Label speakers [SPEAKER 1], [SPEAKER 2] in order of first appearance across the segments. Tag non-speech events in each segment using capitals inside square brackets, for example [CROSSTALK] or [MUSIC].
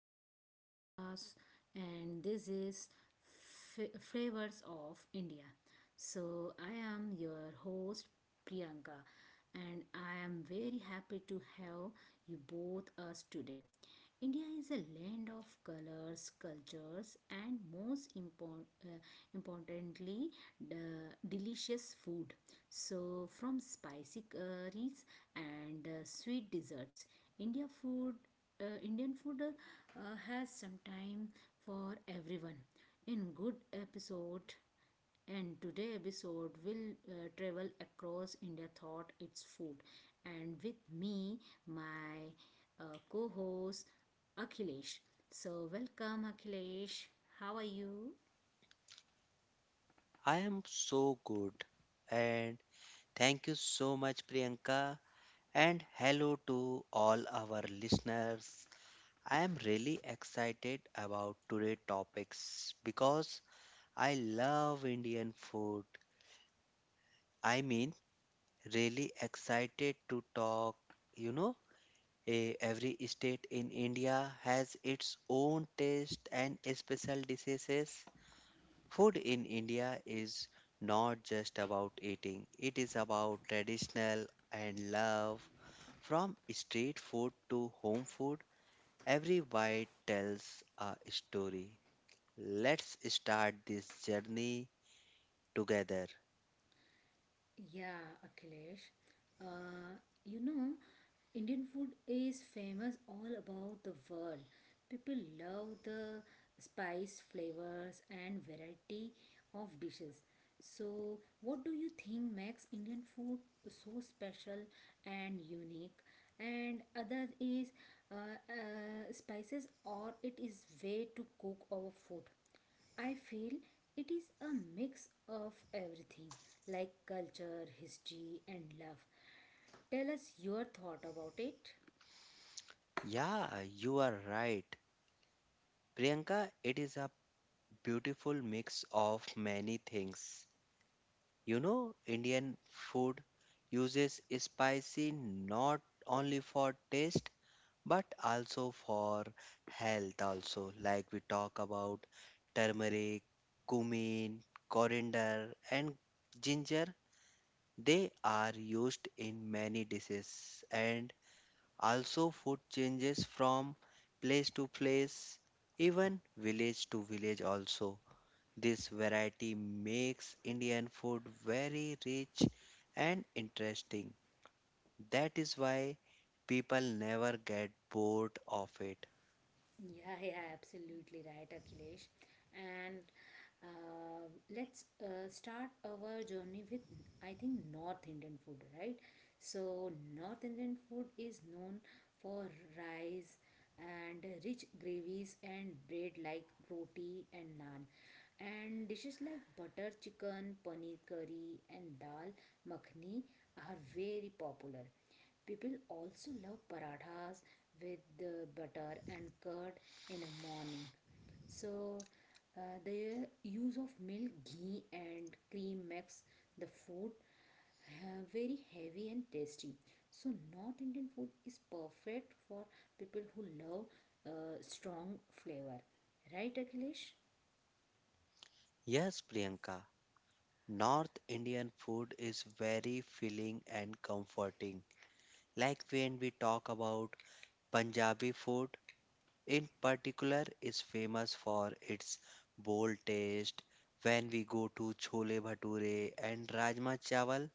[SPEAKER 1] to our podcast. And this is Flavors of India. So, I am your host Priyanka, and I am very happy to have you both us today. India is a land of colors, cultures, and most importantly, the delicious food. So, from spicy curries and sweet desserts, India food, Indian food has some time for everyone. In good episode and today episode will travel across India thought its food. And with me, my co-host Akhilesh. So welcome Akhilesh. How are you?
[SPEAKER 2] I am so good. And thank you so much, Priyanka. And hello to all our listeners. I am really excited about today's topics because I love Indian food. I mean, really excited to talk. You know, every state in India has its own taste and special dishes. Food in India is not just about eating, it is about traditional and love. From street food to home food, every bite tells a story. Let's start this journey together.
[SPEAKER 1] Yeah, Akhilesh. Uh, you know, Indian food is famous all about the world. People love the spice flavors and variety of dishes. So, what do you think makes Indian food so special and unique? And other is spices or it is way to cook our food. I feel it is a mix of everything like culture, history, and love. Tell us your thought about it.
[SPEAKER 2] Yeah, you are right. Priyanka, it is a beautiful mix of many things. You know, Indian food uses spicy not only for taste but also for health also, like we talk about turmeric, cumin, coriander, and ginger. They are used in many dishes, and also food changes from place to place, even village to village also. This variety makes indian food very rich and interesting. That is why people never get bored of it.
[SPEAKER 1] Yeah, yeah, absolutely right, Akhilesh. And uh, let's start our journey with, I think, North Indian food, right? So, North Indian food is known for rice and rich gravies and bread like roti and naan. And dishes like butter chicken, paneer curry, and dal makhni are very popular. People also love parathas with the butter and curd in a morning. So, the use of milk, ghee, and cream makes the food very heavy and tasty. So, North Indian food is perfect for people who love strong flavor, right, Akhilesh?
[SPEAKER 2] Yes, Priyanka, North Indian food is very filling and comforting. Like when we talk about Punjabi food, in particular, is famous for its bold taste. When we go to chole bhature and rajma chawal,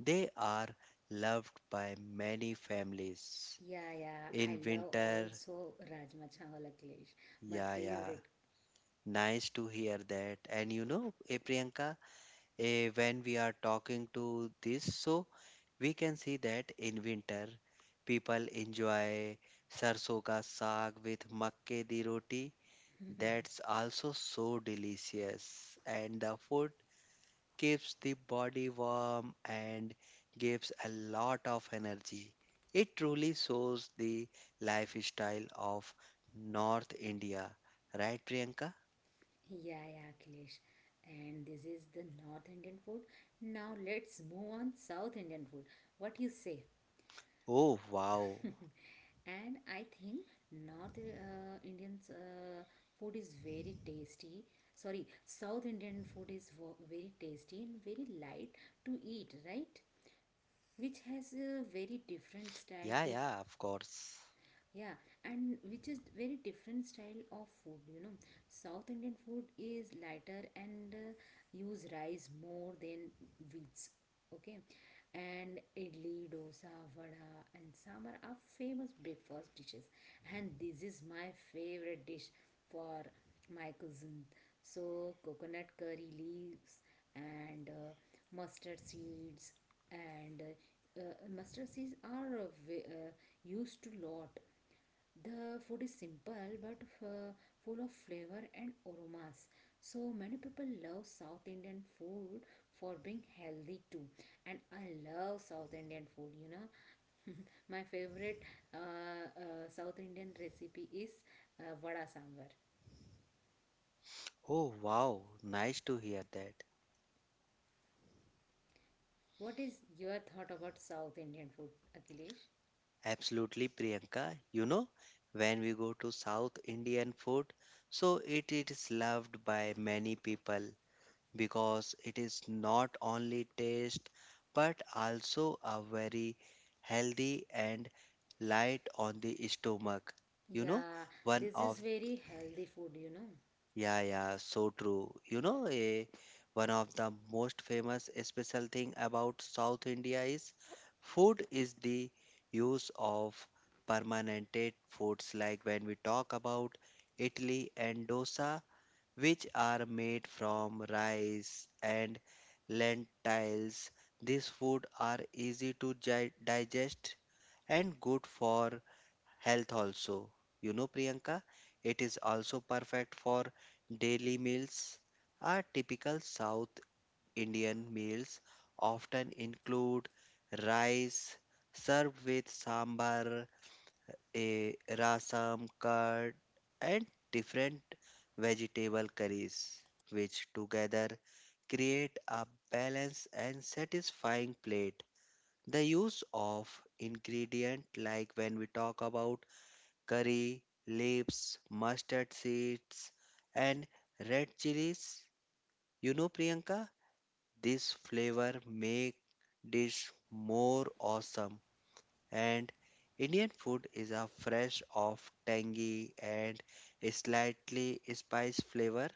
[SPEAKER 2] they are loved by many families.
[SPEAKER 1] Yeah, yeah, I
[SPEAKER 2] In
[SPEAKER 1] love
[SPEAKER 2] winter,
[SPEAKER 1] also Rajma Chawal, Akhilesh, my
[SPEAKER 2] yeah, yeah.
[SPEAKER 1] favorite.
[SPEAKER 2] Nice to hear that. And you know, Priyanka, when we are talking to this, so we can see that in winter, people enjoy sarson ka saag with makke di roti. That's also so delicious, and the food keeps the body warm and gives a lot of energy. It truly shows the lifestyle of North India, right, Priyanka?
[SPEAKER 1] Yeah, yeah, Akhilesh. And this is the North Indian food. Now let's move on South Indian food. What you say?
[SPEAKER 2] Oh, wow.
[SPEAKER 1] [LAUGHS] And I think North Indian food is very tasty. Sorry, South Indian food is very tasty and very light to eat, right? Which
[SPEAKER 2] Yeah,
[SPEAKER 1] has
[SPEAKER 2] yeah,
[SPEAKER 1] a
[SPEAKER 2] of
[SPEAKER 1] very
[SPEAKER 2] course.
[SPEAKER 1] different style to, yeah, and which is very different style of food, you know. South Indian food is lighter and use rice more than wheats, okay. And idli, dosa, vada and sambar are famous breakfast dishes, and this is my favorite dish for my cousin. So coconut curry leaves and mustard seeds and mustard seeds are used to lot. The food is simple but full of flavor and aromas. So many people love South Indian food for being healthy too. And I love South Indian food, you know. [LAUGHS] My favorite South Indian recipe is vada sambar.
[SPEAKER 2] Oh, wow. Nice to hear that.
[SPEAKER 1] What is your thought about South Indian food, Akhilesh?
[SPEAKER 2] Absolutely, Priyanka. You know, when we go to South Indian food, so it is loved by many people because it is not only taste but also a very healthy and light on the stomach. You know,
[SPEAKER 1] Yeah,
[SPEAKER 2] one
[SPEAKER 1] this is
[SPEAKER 2] of
[SPEAKER 1] very healthy food, you know.
[SPEAKER 2] yeah, yeah, so true. You know, one of the most famous special thing about South India is food is the use of permanented foods, like when we talk about Italy and dosa, which are made from rice and lentils. These food are easy to gi digest and good for health also. You know, Priyanka, it is also perfect for daily meals. Our typical South Indian meals often include rice served with sambar, a rasam, curd, and different vegetable curries, which together create a balanced and satisfying plate. The use of ingredient, like when we talk about curry, leaves, mustard seeds, and red chilies. You know, Priyanka, this flavor make dish more awesome. And Indian food is a fresh of tangy and slightly spice flavor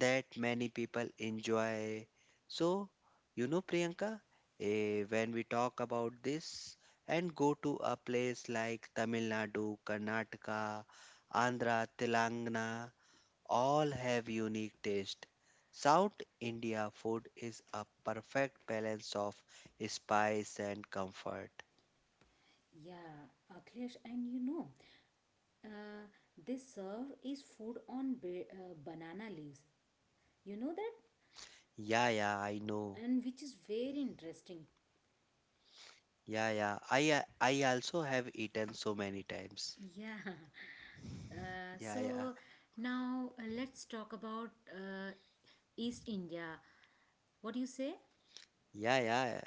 [SPEAKER 2] that many people enjoy. So, you know, Priyanka, when we talk about this and go to a place like Tamil Nadu, Karnataka, Andhra, Telangana, all have unique taste. South India food is a perfect balance of spice and comfort.
[SPEAKER 1] Yeah, Akhilesh, and you know, Uh, they serve is food on banana leaves. You know that?
[SPEAKER 2] Yeah, yeah, I know.
[SPEAKER 1] And which is very interesting.
[SPEAKER 2] Yeah, yeah. I also have eaten so many times.
[SPEAKER 1] Yeah. [LAUGHS]
[SPEAKER 2] Yeah, yeah.
[SPEAKER 1] So now let's talk about uh, East India. What do you say?
[SPEAKER 2] Yeah, yeah.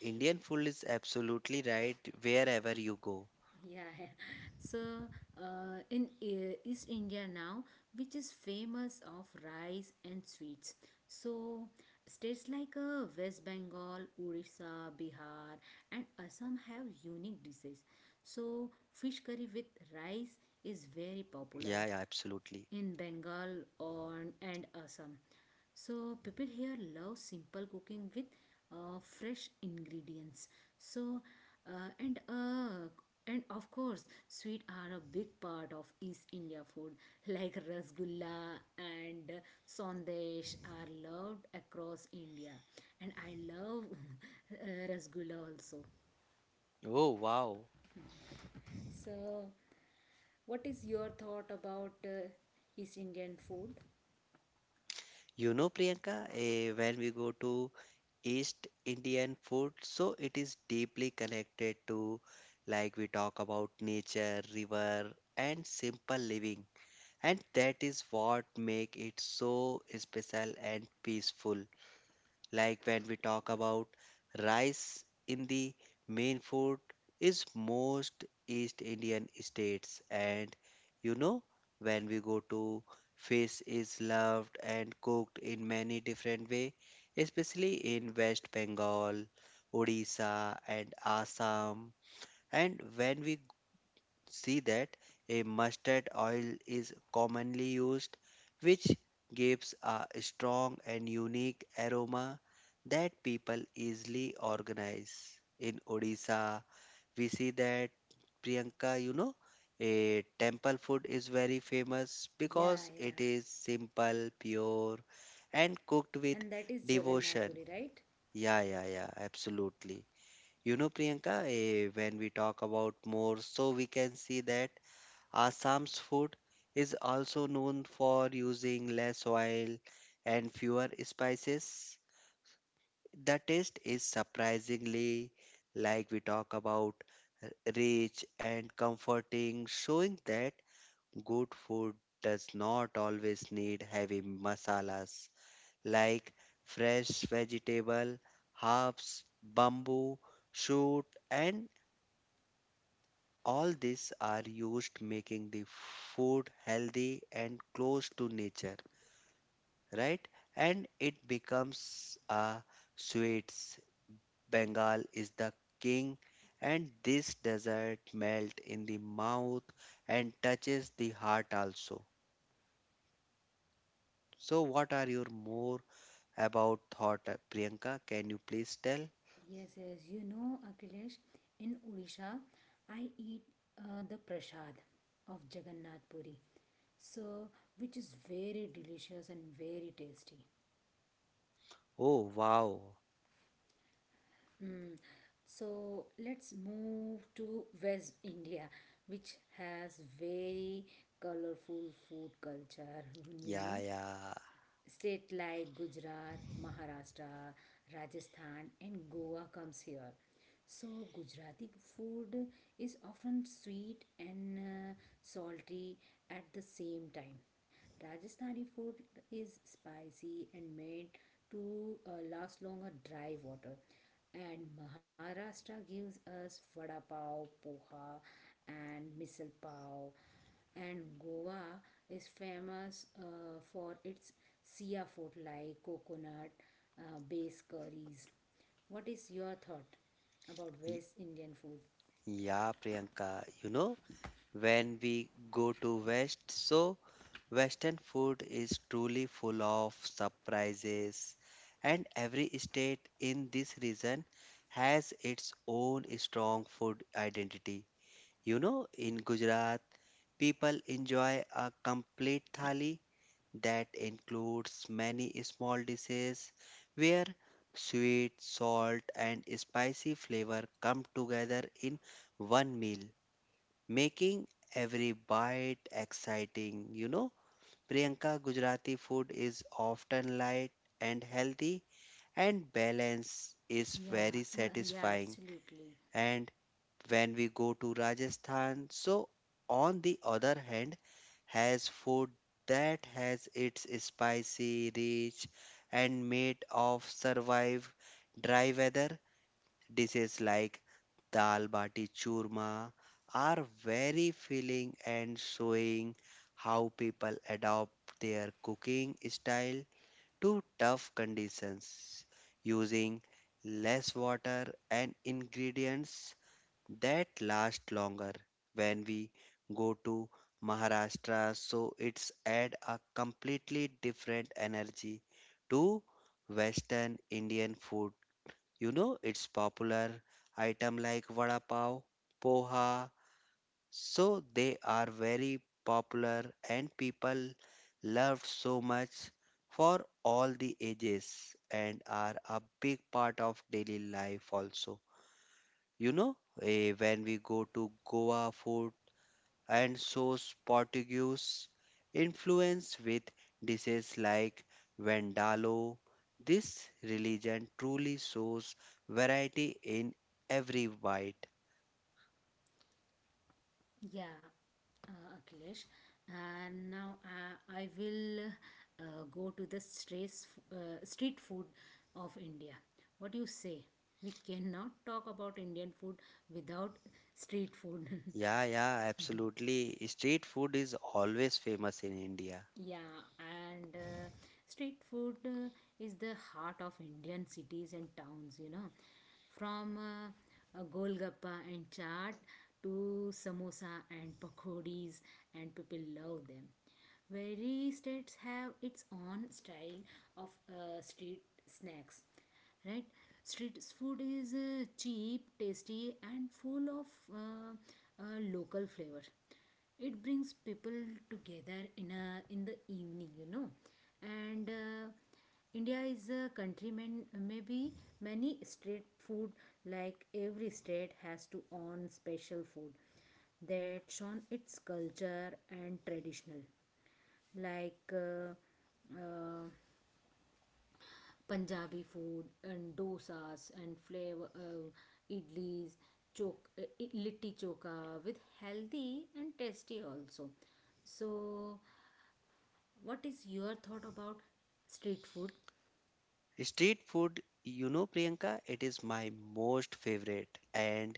[SPEAKER 2] Indian food is absolutely right wherever you go.
[SPEAKER 1] Yeah, yeah. So in East India now, which is famous of rice and sweets. So states like West Bengal, Orissa, Bihar, and Assam have unique dishes. So fish curry with
[SPEAKER 2] Yeah, yeah,
[SPEAKER 1] rice is
[SPEAKER 2] absolutely.
[SPEAKER 1] very popular in Bengal or and Assam. So people here love simple cooking with fresh ingredients. So uh, and uh, and of course, sweet are a big part of East India food, like rasgulla and sandesh are loved across India. And I love [LAUGHS] uh, rasgulla also.
[SPEAKER 2] Oh, wow.
[SPEAKER 1] So, what is your thought about East Indian food?
[SPEAKER 2] You know, Priyanka, when we go to East Indian food, so it is deeply connected to, like, we talk about nature, river, and simple living. And that is what make it so special and peaceful. Like when we talk about rice in the main food is most East Indian states. And you know, when we go to fish is loved and cooked in many different way, especially in West Bengal, Odisha, and Assam. And when we see that a mustard oil is commonly used, which gives a strong and unique aroma that people easily organize. In Odisha, we see that, Priyanka, you know, a temple food is very famous
[SPEAKER 1] Yeah,
[SPEAKER 2] because
[SPEAKER 1] yeah.
[SPEAKER 2] it is simple, pure, and cooked with
[SPEAKER 1] And that is Jagannath
[SPEAKER 2] devotion.
[SPEAKER 1] Puri, right?
[SPEAKER 2] Yeah, yeah, yeah, absolutely. You know, Priyanka, when we talk about more, so we can see that Assam's food is also known for using less oil and fewer spices. The taste is surprisingly, like we talk about, rich and comforting, showing that good food does not always need heavy masalas, like fresh vegetable, herbs, bamboo, shoot, and all these are used making the food healthy and close to nature, right? And it becomes a sweets. Bengal is the king, and this dessert melt in the mouth and touches the heart also. So what are your more about thought, Priyanka? Can you please tell?
[SPEAKER 1] Yes, yes. You know, Akhilesh, in Odisha, I eat the prasad of Jagannath Puri, so which is very delicious and very tasty.
[SPEAKER 2] Oh wow.
[SPEAKER 1] Mm. So let's move to West India, which has very colorful food culture. You
[SPEAKER 2] Yeah,
[SPEAKER 1] know,
[SPEAKER 2] yeah.
[SPEAKER 1] state like Gujarat, Maharashtra, Rajasthan and Goa comes here. So Gujarati food is often sweet and salty at the same time. Rajasthani food is spicy and made to last longer dry water. And Maharashtra gives us vada pav, poha, and misal pav, and Goa is famous for its Sia food like coconut based curries. What is your thought about
[SPEAKER 2] Y-
[SPEAKER 1] West Indian food?
[SPEAKER 2] Yeah, Priyanka, you know, when we go to West, so Western food is truly full of surprises, and every state in this region has its own strong food identity. You know, in Gujarat, people enjoy a complete thali that includes many small dishes where sweet, salt, and spicy flavor come together in one meal, making every bite exciting, you know. Priyanka, Gujarati food is often light and healthy, and balance is very
[SPEAKER 1] Yeah, yeah,
[SPEAKER 2] satisfying.
[SPEAKER 1] absolutely.
[SPEAKER 2] And when we go to Rajasthan, so on the other hand, has food that has its spicy, rich, and made of survive dry weather. Dishes like dal bati churma are very filling and showing how people adopt their cooking style to tough conditions using less water and ingredients that last longer. When we go to Maharashtra, so it's add a completely different energy to western indian food. You know, it's popular item like vada pav, poha, so they are very popular and people loved so much for all the ages and are a big part of daily life also. You know, when we go to Goa food and so Portuguese influence with dishes like Vendalo. This religion truly shows variety in every bite.
[SPEAKER 1] Yeah, Akhilesh. And now I will go to the stress, street food of India. What do you say? We cannot talk about Indian food without street food. [LAUGHS]
[SPEAKER 2] Yeah, yeah, absolutely. Street food is always famous in India.
[SPEAKER 1] Yeah, and street food is the heart of Indian cities and towns, you know. From Golgappa and chaat to samosa and pakodis, and people love them. Very states have its own style of street snacks, right? Street food is cheap, tasty, and full of local flavor. It brings people together in a in the evening, you know. And India is a country man, maybe many state food, like every state has to own special food that shown its culture and traditional, like uh, Punjabi food and dosas and flavor idlis, chok, uh, litti choka with healthy and tasty also. So, what is your thought about street food?
[SPEAKER 2] Street food, you know, Priyanka, it is my most favorite. And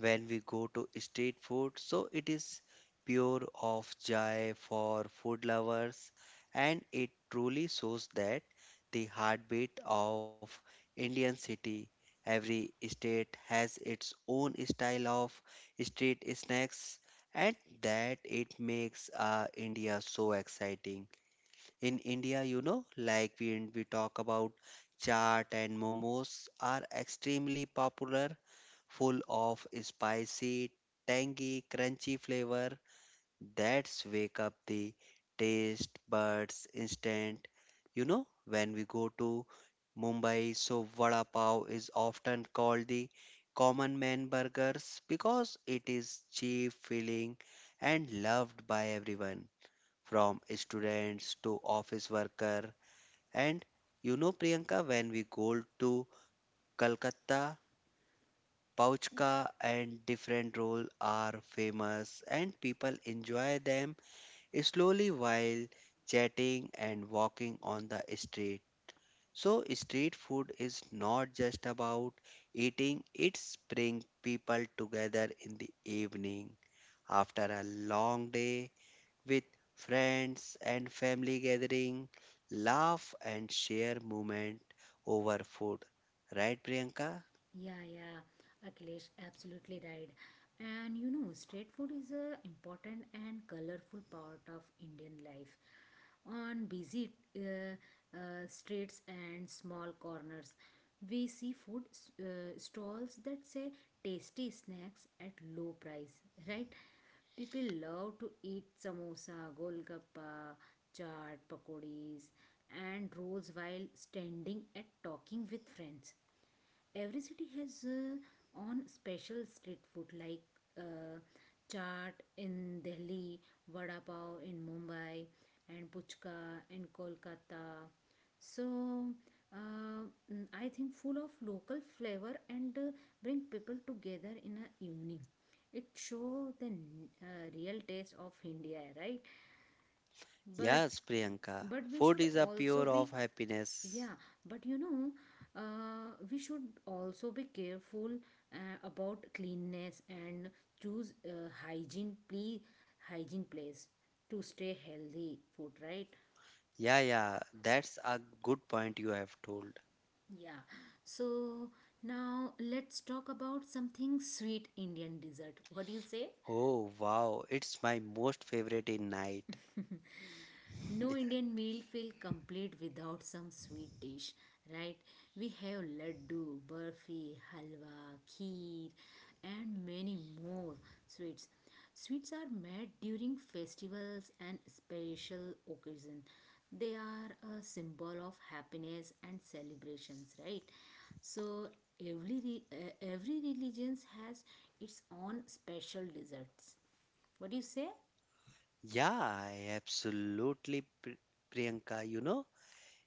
[SPEAKER 2] when we go to street food, so it is pure of joy for food lovers, and it truly shows that the heartbeat of Indian city. Every state has its own style of street snacks, and that it makes India so exciting in India, you know, like we talk about chaat and momos are extremely popular, full of spicy, tangy, crunchy flavor that's wake up the taste buds instant. You know, when we go to Mumbai, so vada pav is often called the common man burgers because it is cheap, filling, and loved by everyone from students to office worker. And you know, Priyanka, when we go to Calcutta, Pouchka and different roll are famous and people enjoy them slowly while chatting and walking on the street. So street food is not just about eating, it brings people together in the evening after a long day with friends and family gathering, laugh and share moment over food. Right, Priyanka?
[SPEAKER 1] Yeah, yeah, Akhilesh, absolutely right. And you know, street food is a important and colorful part of Indian life. On busy streets and small corners, we see food stalls that say tasty snacks at low price, right? People love to eat samosa, golgappa, chaat, pakodis, and rolls while standing and talking with friends. Every city has on special street food like uh, chaat in Delhi, vada pav in Mumbai, and puchka in Kolkata. So uh, I think full of local flavor and bring people together in a evening. It show the real taste of India, right? but
[SPEAKER 2] Yes, Priyanka.
[SPEAKER 1] but we
[SPEAKER 2] Food
[SPEAKER 1] should
[SPEAKER 2] is a
[SPEAKER 1] also
[SPEAKER 2] pure of
[SPEAKER 1] be
[SPEAKER 2] happiness.
[SPEAKER 1] Yeah, but you know, we should also be careful about cleanness and choose hygiene place to stay healthy food, right?
[SPEAKER 2] Yeah, yeah, that's a good point you have told.
[SPEAKER 1] Yeah. So now let's talk about something sweet Indian dessert. What do you say?
[SPEAKER 2] Oh, wow, it's my most favorite in night.
[SPEAKER 1] No Indian meal feel complete without some sweet dish, right? We have laddu, burfi, halwa, kheer, and many more sweets. Sweets are made during festivals and special occasions. They are a symbol of happiness and celebrations, right? So every religions has its own special desserts. What do you say?
[SPEAKER 2] Yeah, absolutely, Priyanka, you know.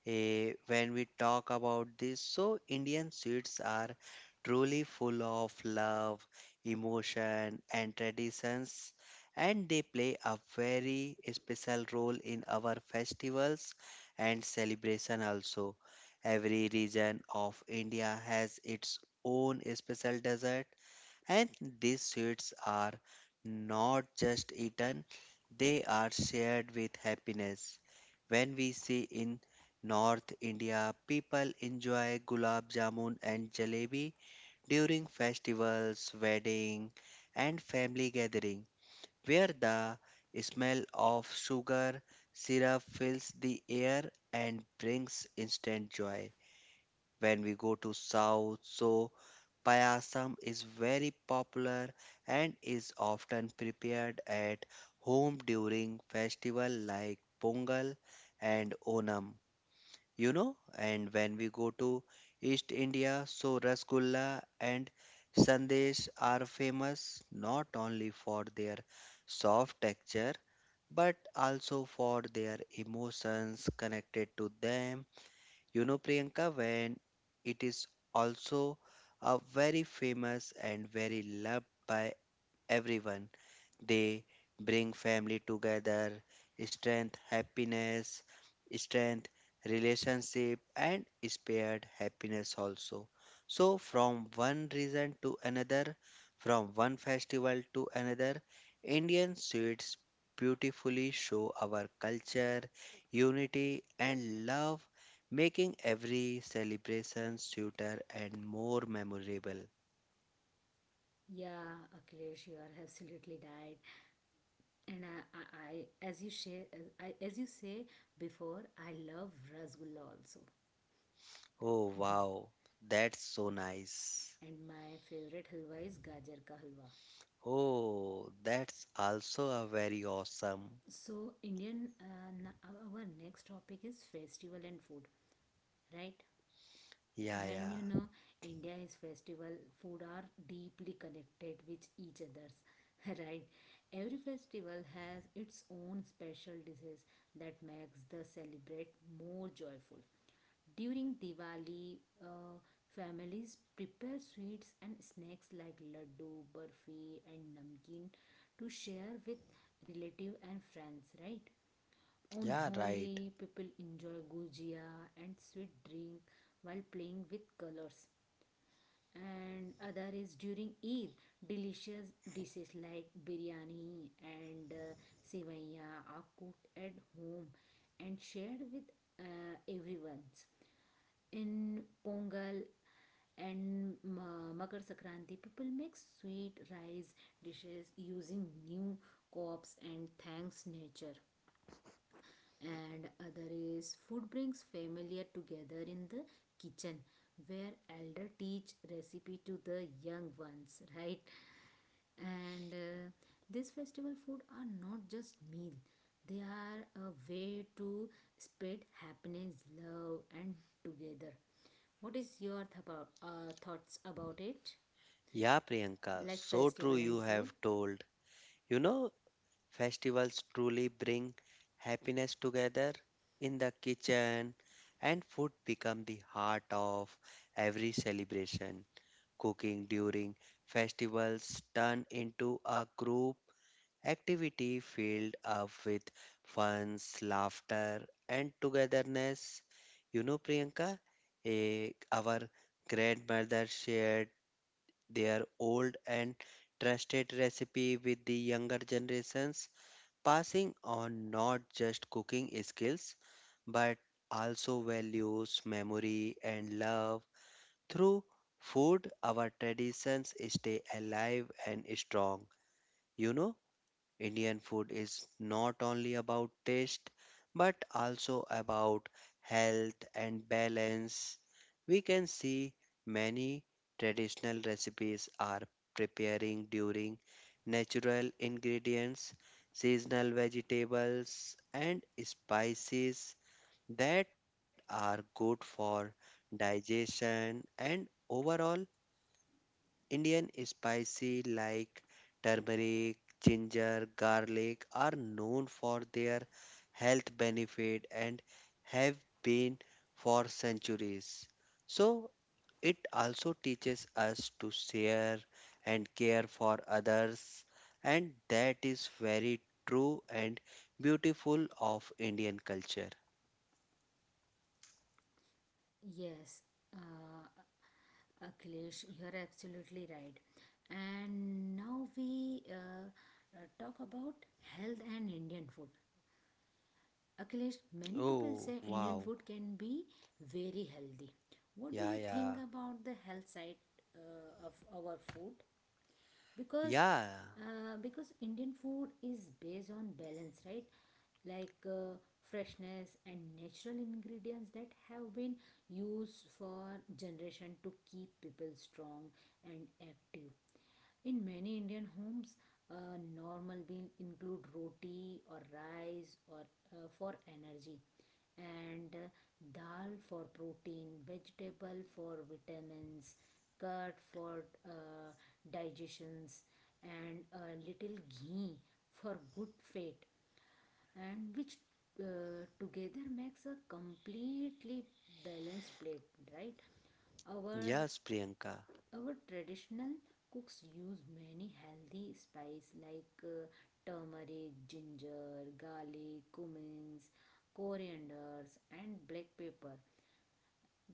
[SPEAKER 2] When we talk about this. So, Indian sweets are truly full of love, emotion, and traditions, and they play a very special role in our festivals and celebration also. Every region of India has its own special dessert, and these sweets are not just eaten, they are shared with happiness. When we see in North India, people enjoy gulab jamun and jalebi during festivals, wedding, and family gathering, where the smell of sugar syrup fills the air and brings instant joy. When we go to South, so Payasam is very popular and is often prepared at home during festival like Pongal and Onam. You know, and when we go to East India, so Rasgulla and Sandesh are famous not only for their soft texture but also for their emotions connected to them. You know, Priyanka, when it is also a very famous and very loved by everyone. They bring family together, strength, happiness, strength, relationship, and spared happiness also. So, from one reason to another, from one festival to another, Indian sweets beautifully show our culture, unity, and love, making every celebration sweeter and more memorable.
[SPEAKER 1] Yeah, Akhilesh, you are absolutely right. And I, as you share, I, as you say before, I love rasgulla also.
[SPEAKER 2] Oh, wow, that's so nice.
[SPEAKER 1] And my favorite halwa is gajar ka halwa.
[SPEAKER 2] Oh, that's also a very awesome.
[SPEAKER 1] So our next topic is festival and food, right?
[SPEAKER 2] Yeah,
[SPEAKER 1] And you
[SPEAKER 2] yeah.
[SPEAKER 1] know, India is festival. Food are deeply connected with each others, [LAUGHS] right? Every festival has its own special dishes that makes the celebrate more joyful. During Diwali, families prepare sweets and snacks like laddu, burfi, and namkeen to share with relative and friends, right? On
[SPEAKER 2] Yeah, right.
[SPEAKER 1] Holi, people enjoy gujia and sweet drink while playing with colors. And other is during Eid, delicious dishes like biryani and sevaiya are cooked at home and shared with everyone's in Pongal and Makar Sankranti. People make sweet rice dishes using new crops and thanks nature. And other is food brings familiar together in the kitchen where elder teach recipe to the young ones, right? And this festival food are not just meal, they are a way to spread happiness love and together. What is your thoughts about it?
[SPEAKER 2] Yeah, Priyanka,
[SPEAKER 1] Like
[SPEAKER 2] so true
[SPEAKER 1] festival and
[SPEAKER 2] you
[SPEAKER 1] food?
[SPEAKER 2] have told. You know, festivals truly bring happiness together in the kitchen, and food become the heart of every celebration. Cooking during festivals turn into a group activity filled up with funs, laughter, and togetherness. You know, Priyanka, our grandmother shared their old and trusted recipe with the younger generations, passing on not just cooking skills but also values, memory, and love. Through food, our traditions stay alive and strong. You know, Indian food is not only about taste but also about health and balance. We can see many traditional recipes are preparing during natural ingredients, seasonal vegetables, and spices that are good for digestion and overall Indian spicy like turmeric, ginger, garlic are known for their health benefit and have been for centuries. So it also teaches us to share and care for others, and that is very true and beautiful of Indian culture.
[SPEAKER 1] Yes, uh, Akhilesh, you're absolutely right. And now we talk about health and Indian food. Akhilesh, many people
[SPEAKER 2] Oh
[SPEAKER 1] say Indian
[SPEAKER 2] wow.
[SPEAKER 1] food can be very healthy. What do
[SPEAKER 2] Yeah
[SPEAKER 1] you think
[SPEAKER 2] yeah.
[SPEAKER 1] about the health side of our food? Because
[SPEAKER 2] Yeah.
[SPEAKER 1] because Indian food is based on balance, right? Like freshness and natural ingredients that have been used for generation to keep people strong and active. In many Indian homes a normal meal include roti or rice or for energy and dal for protein, vegetable for vitamins, curd for digestions, and a little ghee for good fat, and which together makes a completely balanced plate, right? Our
[SPEAKER 2] Yes, Priyanka.
[SPEAKER 1] our traditional cooks use many healthy spices like turmeric, ginger, garlic, cummin, corianders, and black pepper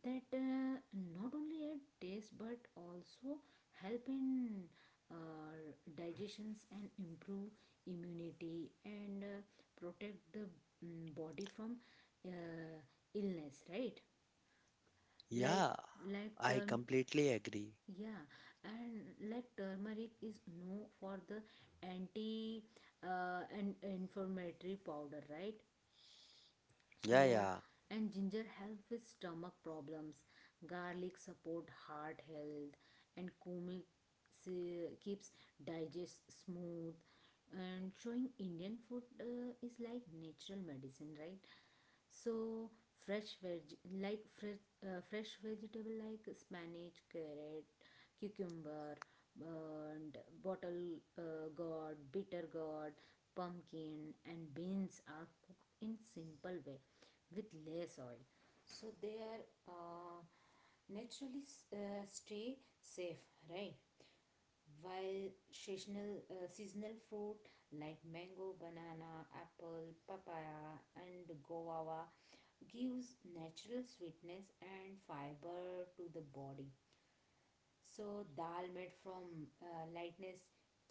[SPEAKER 1] that not only add taste but also help in digestions and improve immunity and protect the body from uh, illness, right? like
[SPEAKER 2] Yeah,
[SPEAKER 1] like
[SPEAKER 2] I
[SPEAKER 1] term
[SPEAKER 2] completely agree.
[SPEAKER 1] Yeah, and like turmeric is known for the anti and inflammatory powder, right?
[SPEAKER 2] Yeah,
[SPEAKER 1] So
[SPEAKER 2] yeah,
[SPEAKER 1] and ginger help with stomach problems, garlic support heart health, and cumin keeps digest smooth, and showing Indian food is like natural medicine, right? So fresh veg fresh vegetable like spinach, carrot, cucumber, and bottle gourd, bitter gourd, pumpkin, and beans are cooked in simple way with less oil, so they are naturally stay safe, right? While seasonal fruit like mango, banana, apple, papaya, and guava gives natural sweetness and fiber to the body. So, dal made from lightness,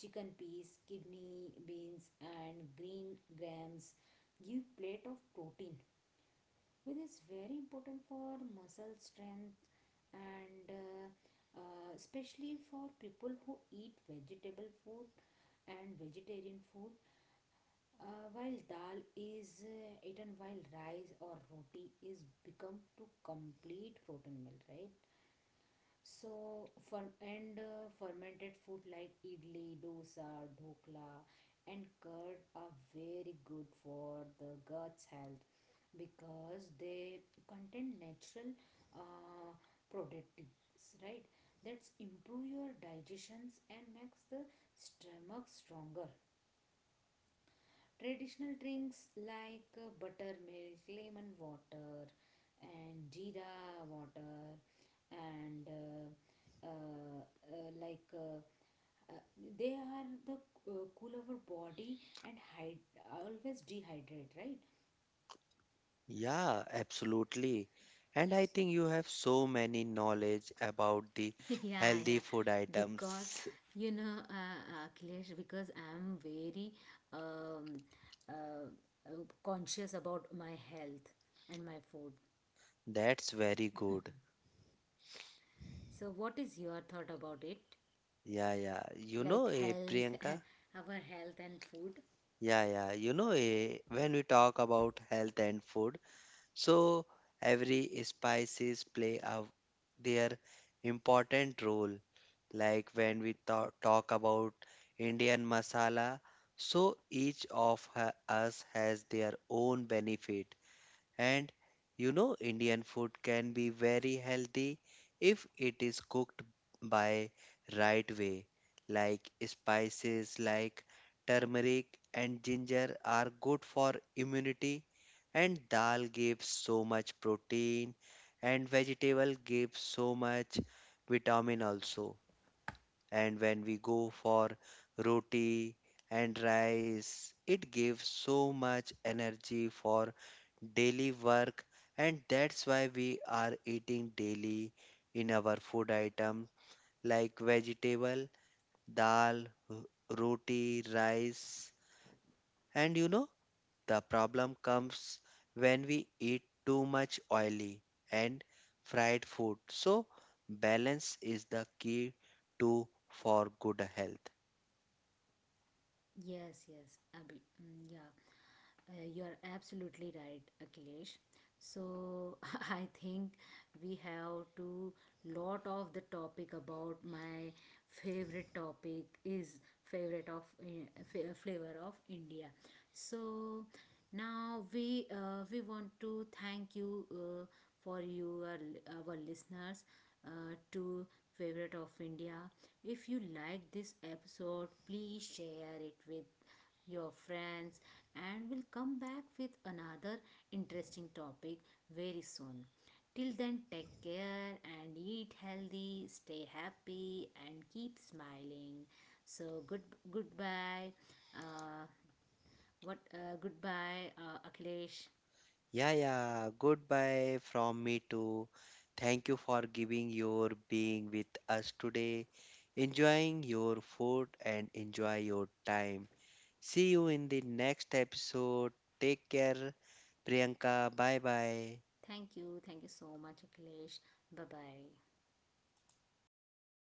[SPEAKER 1] chicken peas, kidney beans, and green grams give plate of protein, which is very important for muscle strength and especially for people who eat vegetable food and vegetarian food while dal is eaten while rice or roti is become to complete protein meal, right? So for and fermented food like idli, dosa, dhokla, and curd are very good for the guts health because they contain natural uh, protectants, right? That's improve your digestions and makes the stomach stronger. Traditional drinks like buttermilk, lemon water, and jeera water, and like uh, they are the cool our body and hide always dehydrate, right?
[SPEAKER 2] yeah, absolutely. And
[SPEAKER 1] [LAUGHS]
[SPEAKER 2] I
[SPEAKER 1] S-
[SPEAKER 2] think you have so many knowledge about the
[SPEAKER 1] yeah
[SPEAKER 2] healthy
[SPEAKER 1] yeah
[SPEAKER 2] food
[SPEAKER 1] because
[SPEAKER 2] items.
[SPEAKER 1] you know, Akhilesh, because I'm very um, uh, conscious about my health and my food.
[SPEAKER 2] That's very good.
[SPEAKER 1] So what is your thought about it,
[SPEAKER 2] Yeah, yeah. You know,
[SPEAKER 1] like health,
[SPEAKER 2] Priyanka?
[SPEAKER 1] [LAUGHS] our health and food.
[SPEAKER 2] Yeah, yeah. You know, when we talk about health and food, so every spices play a their important role, like when we talk about Indian masala. So each of us has their own benefit. And you know, Indian food can be very healthy if it is cooked by right way. Like spices like turmeric and ginger are good for immunity, and dal gives so much protein, and vegetable gives so much vitamin also. And when we go for roti and rice, it gives so much energy for daily work, and that's why we are eating daily in our food item like vegetable, dal, r- roti, rice. And you know the problem comes when we eat too much oily and fried food. So balance is the key to for good health.
[SPEAKER 1] Yes, yes, Abhi. Yeah. You're absolutely right, Akhilesh. So [LAUGHS] I think we have to lot of the topic about my favorite topic is favorite of flavor of India. So now we want to thank you for you our listeners to favorite of India. If you like this episode, please share it with your friends, and we'll come back with another interesting topic very soon. Till then, take care and eat healthy, stay happy, and keep smiling. So goodbye. Uh, what Goodbye, Akhilesh.
[SPEAKER 2] Yeah, yeah. Goodbye from me too. Thank you for giving your being with us today. Enjoying your food and enjoy your time. See you in the next episode. Take care, Priyanka. Bye bye.
[SPEAKER 1] Thank you so much, Akhilesh. Bye bye.